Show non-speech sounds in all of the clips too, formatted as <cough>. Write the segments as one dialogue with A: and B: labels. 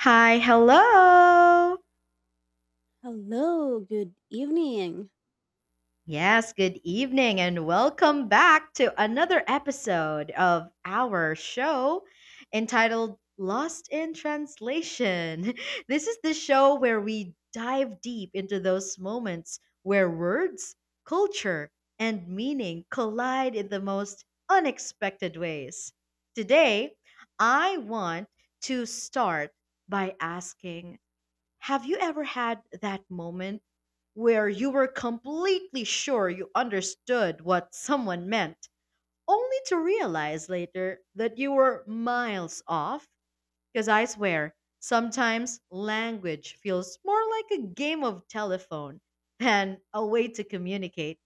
A: Hi, hello.
B: Hello, good evening.
A: Yes, good evening, and welcome back to another episode of our show entitled Lost in Translation. <laughs> This is the show where we dive deep into those moments where words, culture, and meaning collide in the most unexpected ways. Today, I want to start by asking, have you ever had that moment where you were completely sure you understood what someone meant, only to realize later that you were miles off? Because I swear, sometimes language feels more like a game of telephone than a way to communicate.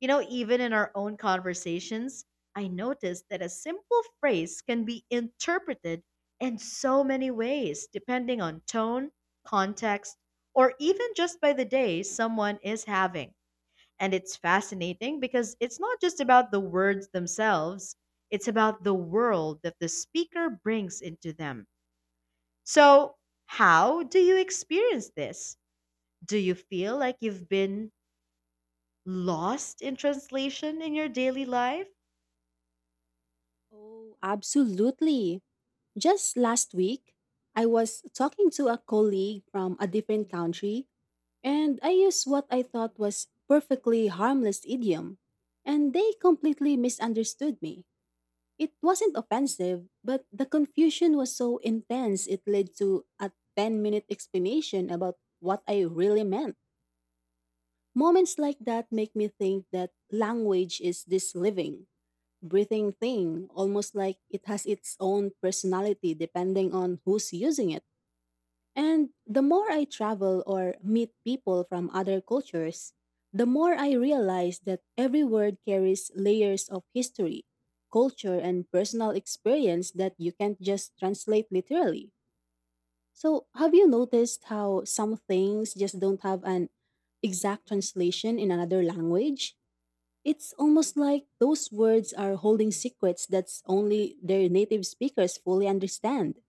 A: Even in our own conversations, I noticed that a simple phrase can be interpreted in so many ways, depending on tone, context, or even just by the day someone is having. And it's fascinating because it's not just about the words themselves, it's about the world that the speaker brings into them. So, how do you experience this? Do you feel like you've been lost in translation in your daily life?
B: Oh, absolutely. Just last week, I was talking to a colleague from a different country, and I used what I thought was perfectly harmless idiom, and they completely misunderstood me. It wasn't offensive, but the confusion was so intense it led to a 10-minute minute explanation about what I really meant. Moments like that make me think that language is this living breathing thing, almost like it has its own personality depending on who's using it. And the more I travel or meet people from other cultures, the more I realize that every word carries layers of history, culture, and personal experience that you can't just translate literally. So, have you noticed how some things just don't have an exact translation in another language? It's almost like those words are holding secrets that's only their native speakers fully understand.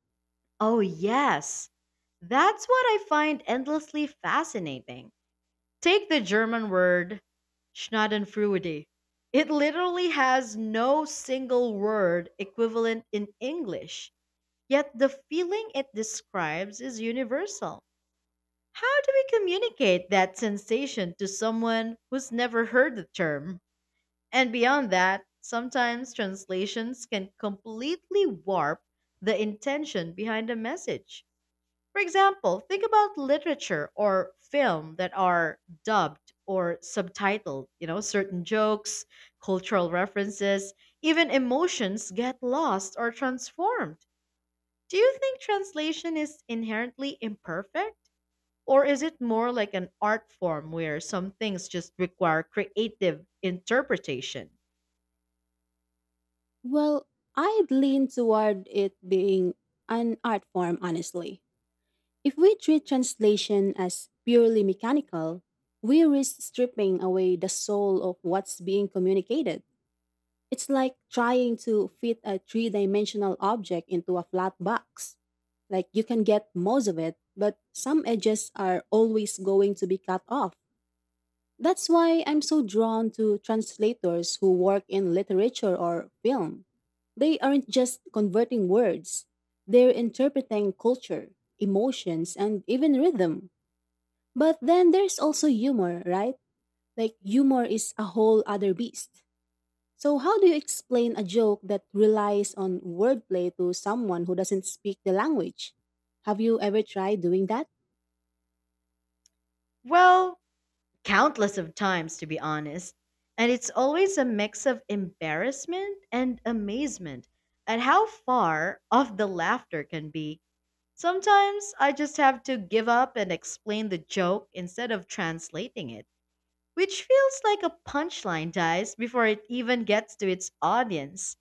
A: Oh, yes. That's what I find endlessly fascinating. Take the German word Schadenfreude. It literally has no single word equivalent in English, yet the feeling it describes is universal. How do we communicate that sensation to someone who's never heard the term? And beyond that, sometimes translations can completely warp the intention behind a message. For example, think about literature or film that are dubbed or subtitled. Certain jokes, cultural references, even emotions get lost or transformed. Do you think translation is inherently imperfect? Or is it more like an art form where some things just require creative interpretation?
B: Well, I'd lean toward it being an art form, honestly. If we treat translation as purely mechanical, we risk stripping away the soul of what's being communicated. It's like trying to fit a three dimensional object into a flat box. Like you can get most of it, but some edges are always going to be cut off. That's why I'm so drawn to translators who work in literature or film. They aren't just converting words, they're interpreting culture, emotions, and even rhythm. But then there's also humor, right? Like, humor is a whole other beast. So, how do you explain a joke that relies on wordplay to someone who doesn't speak the language? Have you ever tried doing that?
A: Well, countless of times, to be honest, and it's always a mix of embarrassment and amazement at how far off the laughter can be. Sometimes I just have to give up and explain the joke instead of translating it, which feels like a punchline dies before it even gets to its audience.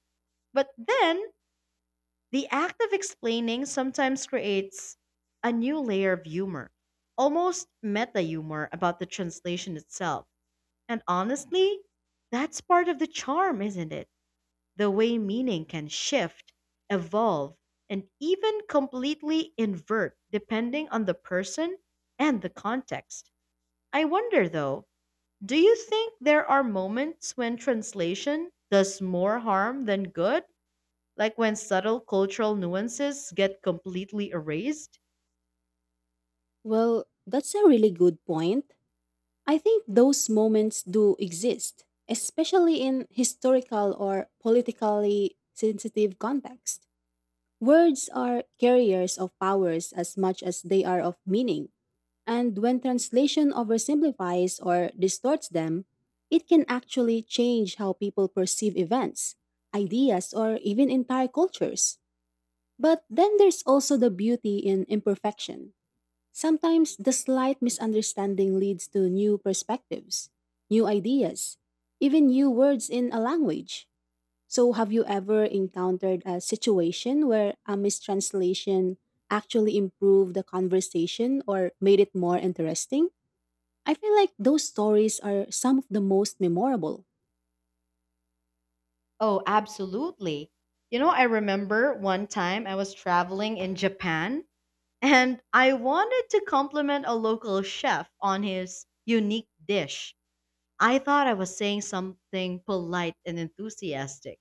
A: But then the act of explaining sometimes creates a new layer of humor, almost meta humor about the translation itself. And honestly, that's part of the charm, isn't it? The way meaning can shift, evolve, and even completely invert depending on the person and the context. I wonder though, do you think there are moments when translation does more harm than good? Like when subtle cultural nuances get completely erased?
B: Well, that's a really good point. I think those moments do exist, especially in historical or politically sensitive context. Words are carriers of powers as much as they are of meaning, and when translation oversimplifies or distorts them, it can actually change how people perceive events, ideas, or even entire cultures. But then there's also the beauty in imperfection. Sometimes the slight misunderstanding leads to new perspectives, new ideas, even new words in a language. So, have you ever encountered a situation where a mistranslation actually improved the conversation or made it more interesting? I feel like those stories are some of the most memorable.
A: Oh, absolutely. I remember one time I was traveling in Japan, and I wanted to compliment a local chef on his unique dish. I thought I was saying something polite and enthusiastic,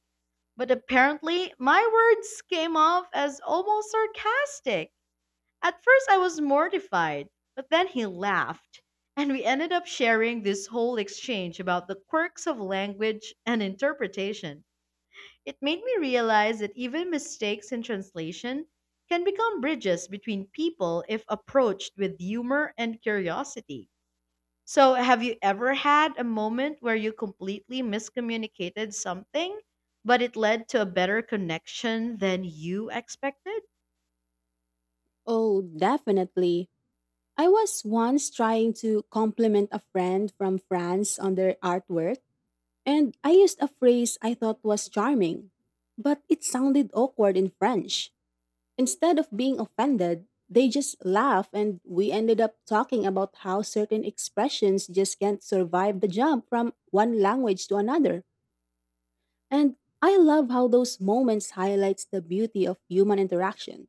A: but apparently my words came off as almost sarcastic. At first, I was mortified, but then he laughed, and we ended up sharing this whole exchange about the quirks of language and interpretation. It made me realize that even mistakes in translation can become bridges between people if approached with humor and curiosity. So, have you ever had a moment where you completely miscommunicated something, but it led to a better connection than you expected?
B: Oh, definitely. I was once trying to compliment a friend from France on their artwork, and I used a phrase I thought was charming, but it sounded awkward in French. Instead of being offended, they just laughed, and we ended up talking about how certain expressions just can't survive the jump from one language to another. And I love how those moments highlights the beauty of human interaction.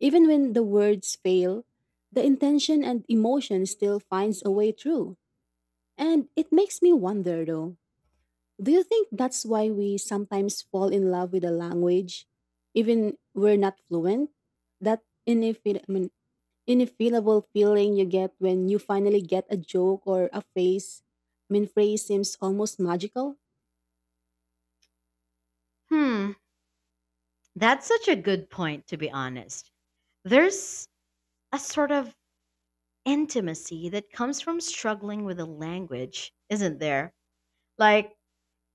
B: Even when the words fail, the intention and emotion still finds a way through. And it makes me wonder though, do you think that's why we sometimes fall in love with a language, even we're not fluent? That ineffable feeling you get when you finally get a joke or a phrase. I mean, phrase seems almost magical.
A: Hmm, that's such a good point, to be honest. There's a sort of intimacy that comes from struggling with a language, isn't there? Like,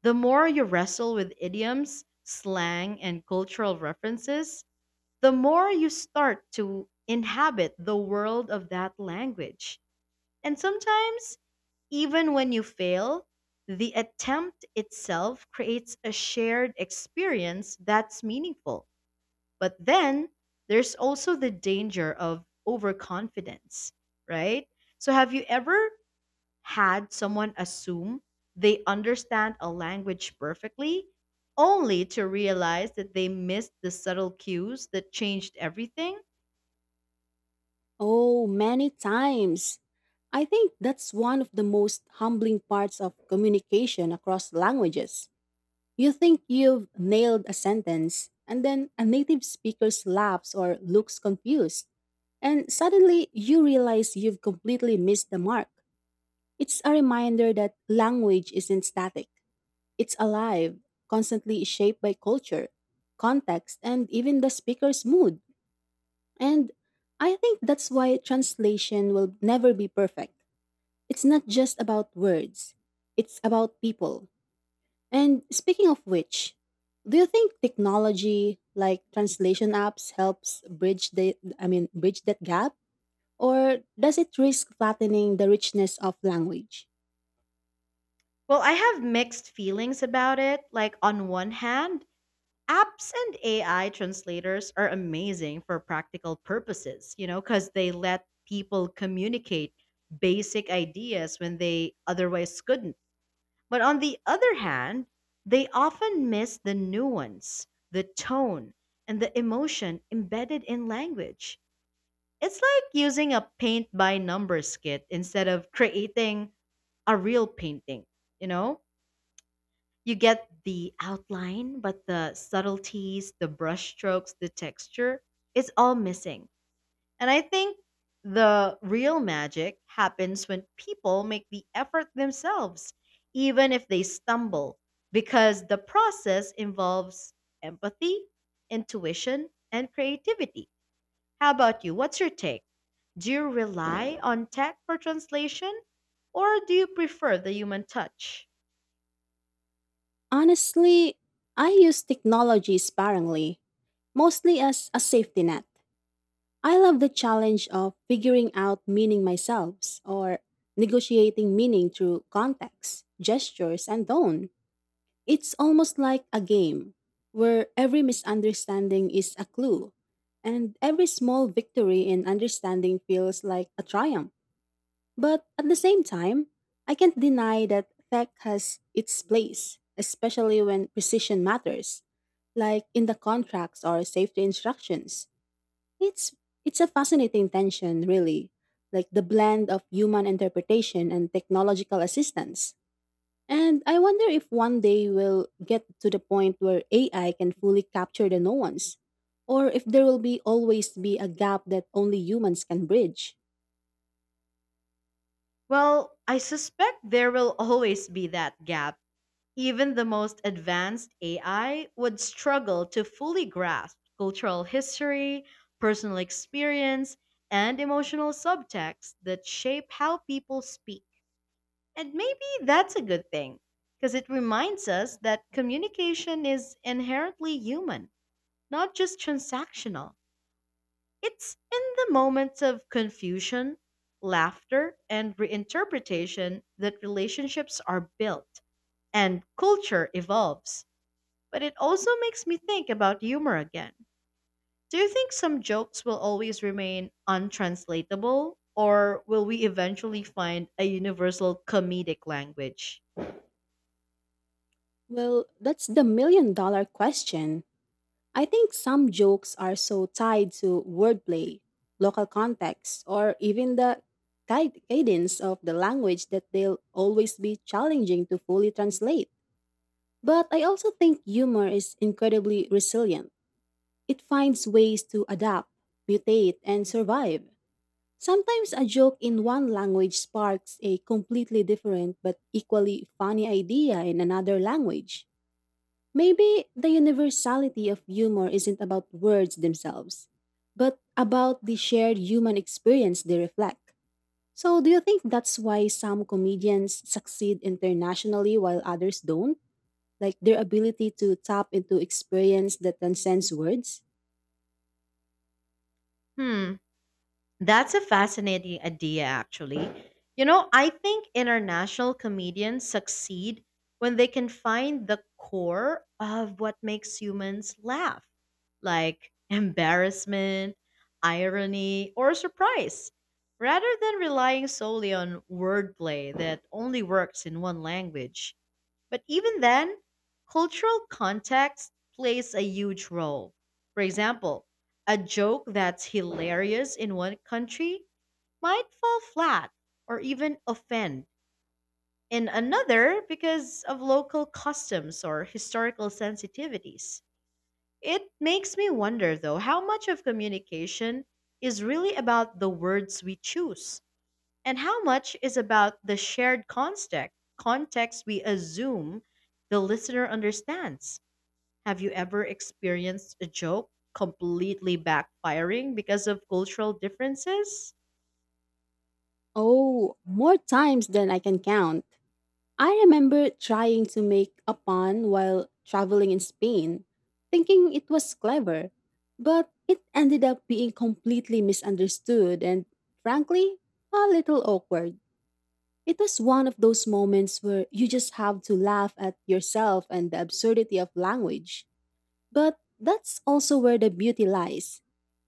A: the more you wrestle with idioms, slang, and cultural references, the more you start to inhabit the world of that language. And sometimes, even when you fail, the attempt itself creates a shared experience that's meaningful. But then there's also the danger of overconfidence, right? So, have you ever had someone assume they understand a language perfectly, only to realize that they missed the subtle cues that changed everything?
B: Oh, many times. I think that's one of the most humbling parts of communication across languages. You think you've nailed a sentence, and then a native speaker laughs or looks confused, and suddenly you realize you've completely missed the mark. It's a reminder that language isn't static, it's alive, constantly shaped by culture, context, and even the speaker's mood. And I think that's why translation will never be perfect. It's not just about words, it's about people. And speaking of which, do you think technology like translation apps helps bridge the I mean bridge that gap? Or does it risk flattening the richness of language?
A: Well, I have mixed feelings about it. Like, on one hand, apps and AI translators are amazing for practical purposes, because they let people communicate basic ideas when they otherwise couldn't. But on the other hand, they often miss the nuance, the tone, and the emotion embedded in language. It's like using a paint by numbers kit instead of creating a real painting, you know? You get the outline, but the subtleties, the brushstrokes, the texture, it's all missing. And I think the real magic happens when people make the effort themselves, even if they stumble, because the process involves empathy, intuition, and creativity. How about you? What's your take? Do you rely on tech for translation or do you prefer the human touch?
B: Honestly, I use technology sparingly, mostly as a safety net. I love the challenge of figuring out meaning myself or negotiating meaning through context, gestures, and tone. It's almost like a game where every misunderstanding is a clue and every small victory in understanding feels like a triumph. But at the same time, I can't deny that tech has its place, especially when precision matters, like in the contracts or safety instructions. It's it's a fascinating tension, really, like the blend of human interpretation and technological assistance. And I wonder if one day we'll get to the point where AI can fully capture the nuance, or if there will be always be a gap that only humans can bridge.
A: Well, I suspect there will always be that gap. Even the most advanced AI would struggle to fully grasp cultural history, personal experience, and emotional subtext that shape how people speak. And maybe that's a good thing, because it reminds us that communication is inherently human, not just transactional. It's in the moments of confusion, laughter, and reinterpretation that relationships are built and culture evolves. But it also makes me think about humor again. Do you think some jokes will always remain untranslatable, or will we eventually find a universal comedic language?
B: Well, that's the million dollar question. I think some jokes are so tied to wordplay, local context, or even the cadence of the language that they'll always be challenging to fully translate. But I also think humor is incredibly resilient. It finds ways to adapt, mutate, and survive. Sometimes a joke in one language sparks a completely different but equally funny idea in another language. Maybe the universality of humor isn't about words themselves, but about the shared human experience they reflect. So, do you think that's why some comedians succeed internationally while others don't? Like their ability to tap into experience that transcends words?
A: Hmm. That's a fascinating idea, actually. I think international comedians succeed when they can find the core of what makes humans laugh, like embarrassment, irony, or surprise, rather than relying solely on wordplay that only works in one language. But even then, cultural context plays a huge role. For example, a joke that's hilarious in one country might fall flat or even offend in another because of local customs or historical sensitivities. It makes me wonder, though, how much of communication is really about the words we choose and how much is about the shared context, context we assume the listener understands? Have you ever experienced a joke completely backfiring because of cultural differences?
B: Oh, more times than I can count. I remember trying to make a pun while traveling in Spain, thinking it was clever, but it ended up being completely misunderstood and, frankly, a little awkward. It was one of those moments where you just have to laugh at yourself and the absurdity of language. But that's also where the beauty lies.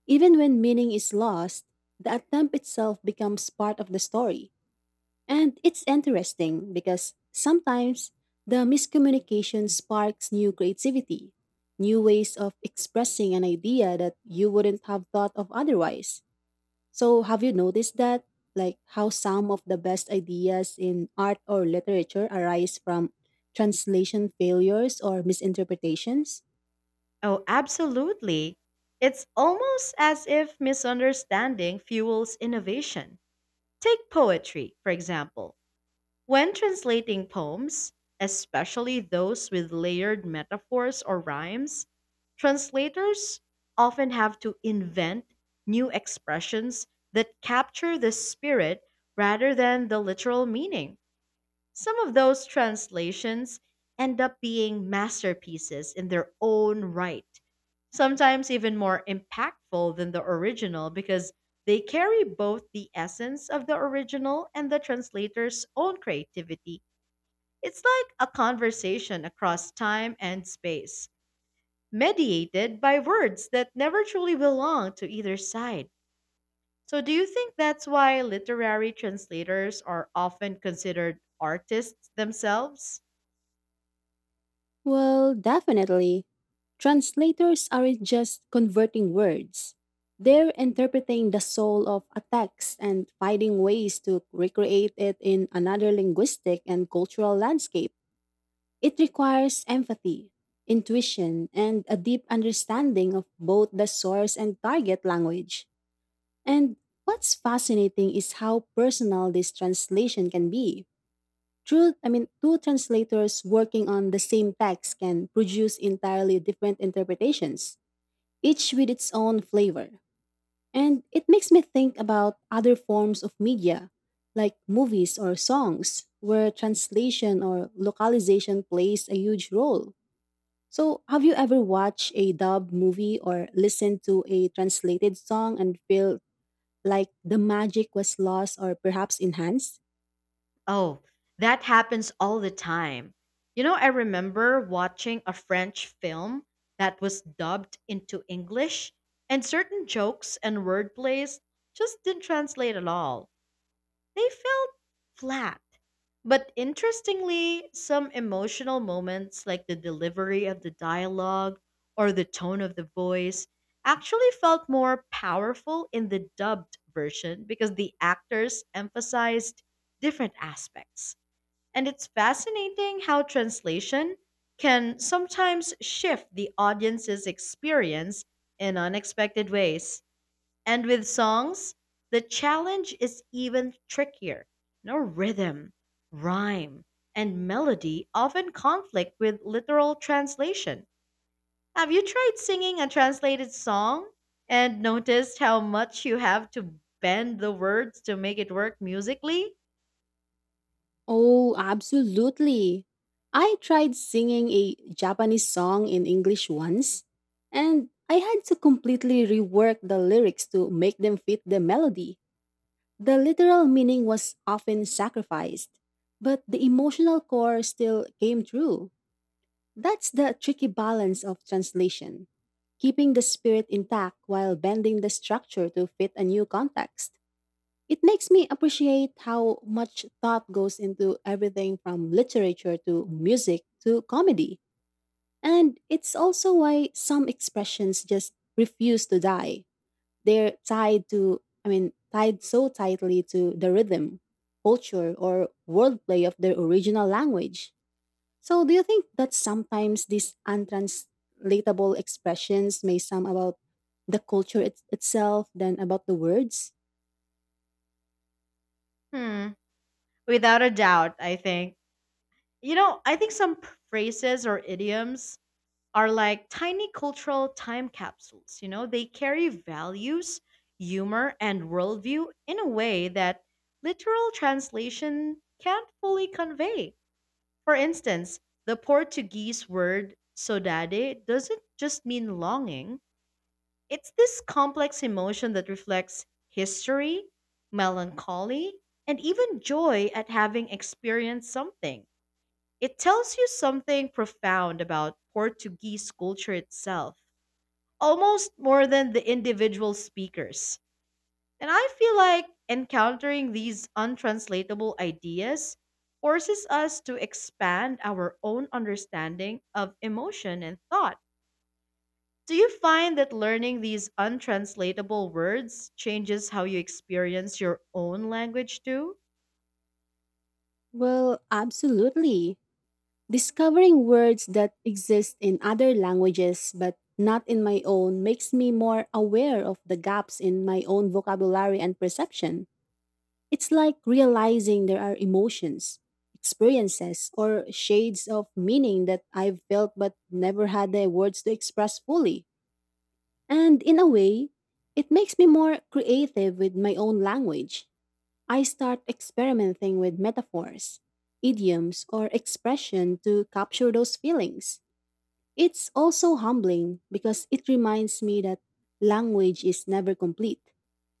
B: Even when meaning is lost, the attempt itself becomes part of the story. And it's interesting because sometimes the miscommunication sparks new creativity, new ways of expressing an idea that you wouldn't have thought of otherwise. So, have you noticed that? Like how some of the best ideas in art or literature arise from translation failures or misinterpretations?
A: Oh, absolutely. It's almost as if misunderstanding fuels innovation. Take poetry, for example. When translating poems, especially those with layered metaphors or rhymes, translators often have to invent new expressions that capture the spirit rather than the literal meaning. Some of those translations end up being masterpieces in their own right, sometimes even more impactful than the original because they carry both the essence of the original and the translator's own creativity. It's like a conversation across time and space, mediated by words that never truly belong to either side. So, do you think that's why literary translators are often considered artists themselves?
B: Well, definitely. Translators aren't just converting words. They're interpreting the soul of a text and finding ways to recreate it in another linguistic and cultural landscape. It requires empathy, intuition, and a deep understanding of both the source and target language. And what's fascinating is how personal this translation can be. Two translators working on the same text can produce entirely different interpretations, each with its own flavor. And it makes me think about other forms of media, like movies or songs, where translation or localization plays a huge role. So, have you ever watched a dubbed movie or listened to a translated song and feel like the magic was lost or perhaps enhanced?
A: Oh, that happens all the time. I remember watching a French film that was dubbed into English, and certain jokes and wordplays just didn't translate at all. They felt flat. But interestingly, some emotional moments like the delivery of the dialogue or the tone of the voice actually felt more powerful in the dubbed version because the actors emphasized different aspects. And it's fascinating how translation can sometimes shift the audience's experience in unexpected ways. And with songs, the challenge is even trickier. No rhythm, rhyme, and melody often conflict with literal translation. Have you tried singing a translated song and noticed how much you have to bend the words to make it work musically?
B: Oh, absolutely. I tried singing a Japanese song in English once, and I had to completely rework the lyrics to make them fit the melody. The literal meaning was often sacrificed, but the emotional core still came through. That's the tricky balance of translation, keeping the spirit intact while bending the structure to fit a new context. It makes me appreciate how much thought goes into everything from literature to music to comedy. And it's also why some expressions just refuse to die. They're tied so tightly to the rhythm, culture, or wordplay of their original language. So, do you think that sometimes these untranslatable expressions may sound about the culture itself than about the words?
A: Hmm, without a doubt, I think. I think some phrases or idioms are like tiny cultural time capsules. They carry values, humor, and worldview in a way that literal translation can't fully convey. For instance, the Portuguese word saudade doesn't just mean longing, it's this complex emotion that reflects history, melancholy, and even joy at having experienced something. It tells you something profound about Portuguese culture itself, almost more than the individual speakers. And I feel like encountering these untranslatable ideas forces us to expand our own understanding of emotion and thought. Do you find that learning these untranslatable words changes how you experience your own language too?
B: Well, absolutely. Discovering words that exist in other languages but not in my own makes me more aware of the gaps in my own vocabulary and perception. It's like realizing there are emotions, experiences, or shades of meaning that I've felt but never had the words to express fully. And in a way, it makes me more creative with my own language. I start experimenting with metaphors, idioms, or expression to capture those feelings. It's also humbling because it reminds me that language is never complete,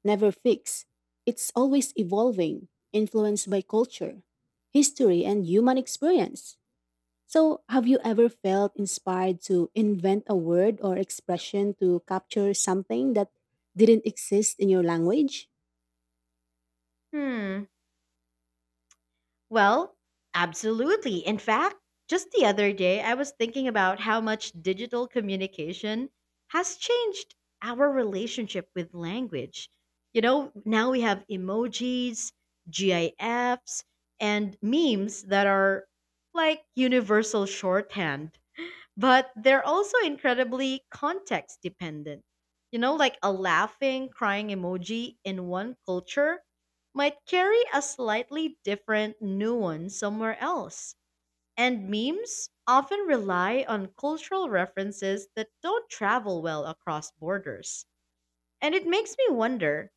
B: never fixed. It's always evolving, influenced by culture, history, and human experience. So, have you ever felt inspired to invent a word or expression to capture something that didn't exist in your language?
A: Hmm. Well, absolutely. In fact, just the other day, I was thinking about how much digital communication has changed our relationship with language. Now we have emojis, GIFs, and memes that are like universal shorthand, but they're also incredibly context dependent. Like a laughing, crying emoji in one culture might carry a slightly different nuance somewhere else. And memes often rely on cultural references that don't travel well across borders. And it makes me wonder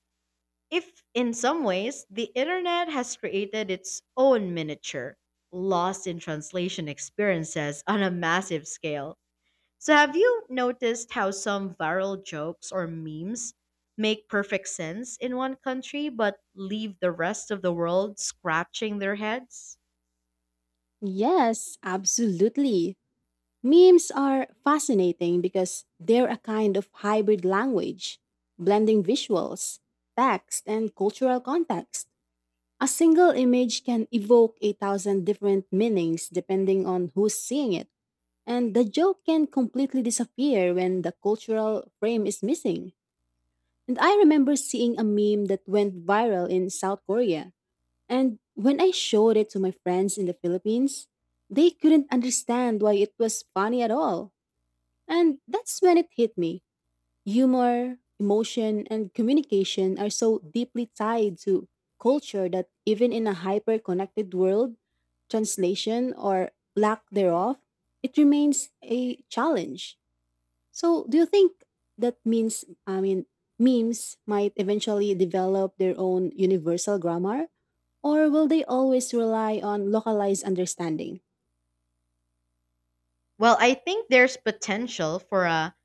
A: if, in some ways, the internet has created its own miniature, lost in translation experiences on a massive scale. So, have you noticed how some viral jokes or memes make perfect sense in one country but leave the rest of the world scratching their heads?
B: Yes, absolutely. Memes are fascinating because they're a kind of hybrid language, blending visuals, text, and cultural context. A single image can evoke a thousand different meanings depending on who's seeing it, and the joke can completely disappear when the cultural frame is missing. And I remember seeing a meme that went viral in South Korea, and when I showed it to my friends in the Philippines, they couldn't understand why it was funny at all, and that's when it hit me. Humor, emotion, and communication are so deeply tied to culture that even in a hyper connected world, translation or lack thereof, it remains a challenge. So, do you think that means, I mean, memes might eventually develop their own universal grammar? Or will they always rely on localized understanding?
A: Well, I think there's potential for a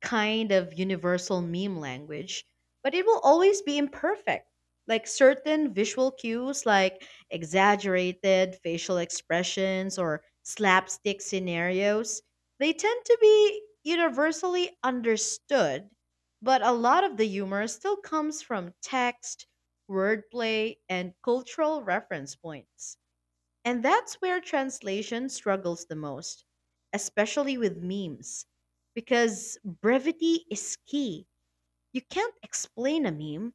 A: kind of universal meme language, but it will always be imperfect. Like certain visual cues, like exaggerated facial expressions or slapstick scenarios, they tend to be universally understood, but a lot of the humor still comes from text, wordplay, and cultural reference points. And that's where translation struggles the most, especially with memes, because brevity is key. You can't explain a meme,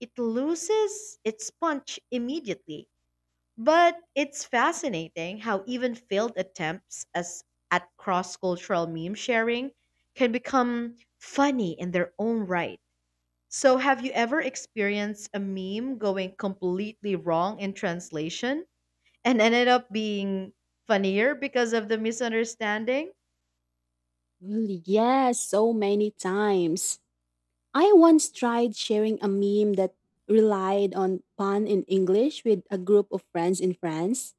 A: it loses its punch immediately. But it's fascinating how even failed attempts as at cross-cultural meme sharing can become funny in their own right. So have you ever experienced a meme going completely wrong in translation and ended up being funnier because of the misunderstanding?
B: Well, yes, so many times. I once tried sharing a meme that relied on pun in English with a group of friends in France.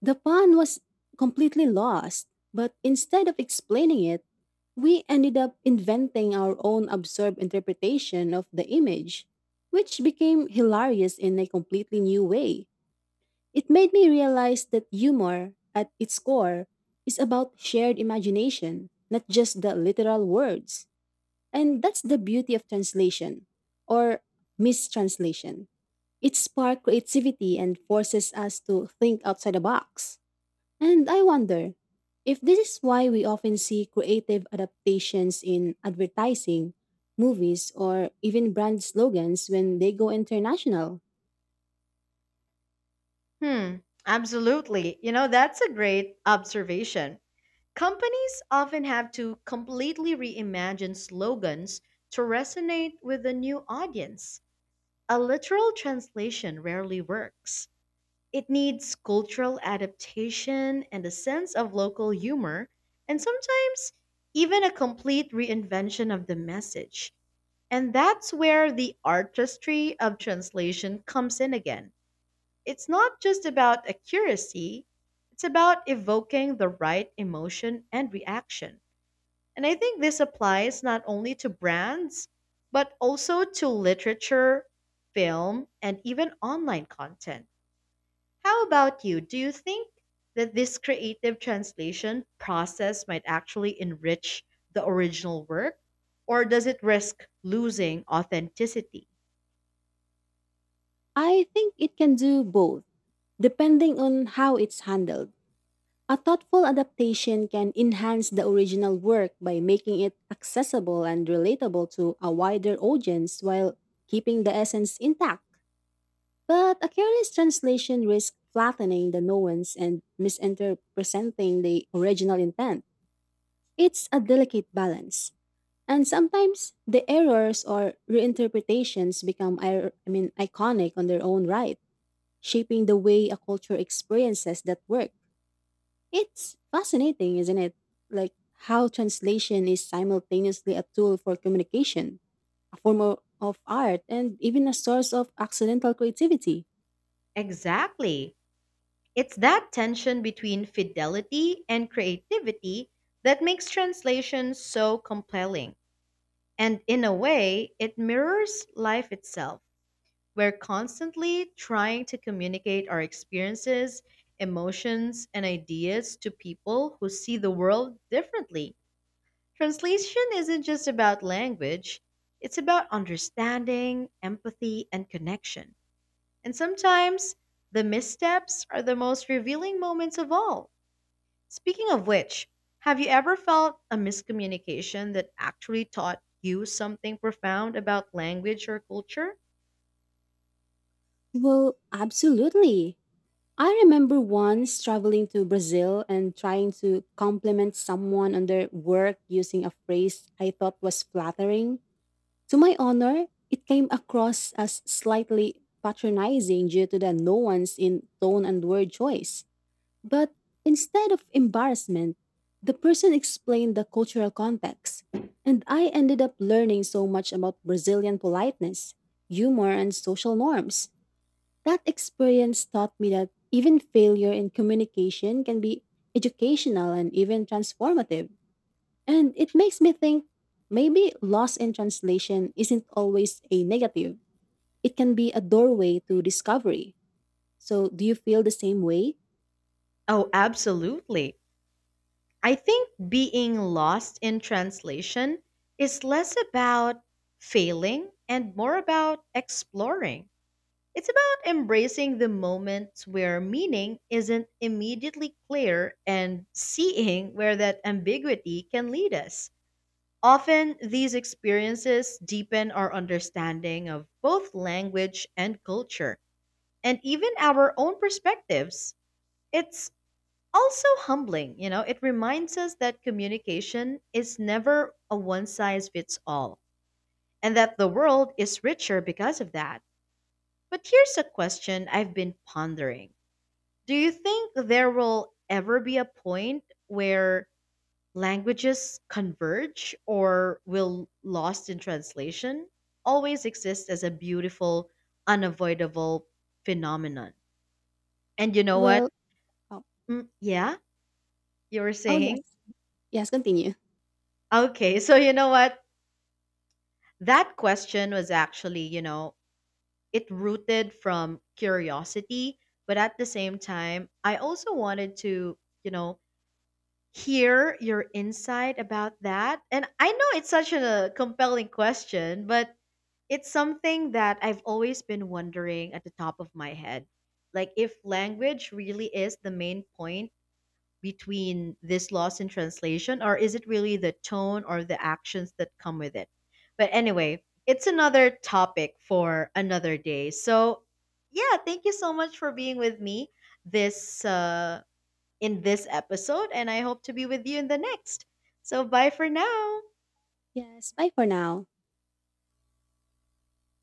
B: The pun was completely lost, but instead of explaining it, we ended up inventing our own absurd interpretation of the image, which became hilarious in a completely new way. It made me realize that humor, at its core, is about shared imagination, not just the literal words. And that's the beauty of translation or mistranslation. It sparks creativity and forces us to think outside the box. And I wonder if this is why we often see creative adaptations in advertising, movies, or even brand slogans when they go international.
A: Hmm, absolutely. That's a great observation. Companies often have to completely reimagine slogans to resonate with a new audience. A literal translation rarely works. It needs cultural adaptation and a sense of local humor, and sometimes even a complete reinvention of the message. And that's where the artistry of translation comes in again. It's not just about accuracy, it's about evoking the right emotion and reaction. And I think this applies not only to brands, but also to literature, film, and even online content. How about you? Do you think that this creative translation process might actually enrich the original work, or does it risk losing authenticity?
B: I think it can do both, depending on how it's handled. A thoughtful adaptation can enhance the original work by making it accessible and relatable to a wider audience while keeping the essence intact. But a careless translation risks flattening the nuance and misinterpreting the original intent. It's a delicate balance. And sometimes the errors or reinterpretations become iconic on their own right, shaping the way a culture experiences that work. It's fascinating, isn't it? Like how translation is simultaneously a tool for communication, a form of art, and even a source of accidental creativity.
A: Exactly. It's that tension between fidelity and creativity that makes translation so compelling. And in a way, it mirrors life itself. We're constantly trying to communicate our experiences, emotions, and ideas to people who see the world differently. Translation isn't just about language, it's about understanding, empathy, and connection. And sometimes the missteps are the most revealing moments of all. Speaking of which, have you ever felt a miscommunication that actually taught you something profound about language or culture?
B: Well, absolutely. I remember once traveling to Brazil and trying to compliment someone on their work using a phrase I thought was flattering. To my honor, it came across as slightly patronizing due to the nuance in tone and word choice. But instead of embarrassment, the person explained the cultural context, and I ended up learning so much about Brazilian politeness, humor, and social norms. That experience taught me that even failure in communication can be educational and even transformative. And it makes me think maybe loss in translation isn't always a negative, it can be a doorway to discovery. So, do you feel the same way?
A: Oh, absolutely. I think being lost in translation is less about failing and more about exploring. It's about embracing the moments where meaning isn't immediately clear and seeing where that ambiguity can lead us. Often, these experiences deepen our understanding of both language and culture, and even our own perspectives. It's also humbling, it reminds us that communication is never a one size fits all, and that the world is richer because of that. But here's a question I've been pondering. Do you think there will ever be a point where languages converge, or will lost in translation always exist as a beautiful, unavoidable phenomenon? And you know what?
B: Well, oh,
A: Mm, yeah, you were
B: oh yes.
A: saying?
B: Yes, continue.
A: Okay, <laughs> so you know what? That question was actually, it rooted from curiosity, but at the same time, I also wanted to, you know, hear your insight about that? And I know it's such a compelling question, but it's something that I've always been wondering at the top of my head. Like, if language really is the main point between this loss in translation, or is it really the tone or the actions that come with it? But anyway, it's another topic for another day. So, yeah, thank you so much for being with me this in this episode, and I hope to be with you in the next. So, bye for now.
B: Yes, bye for now.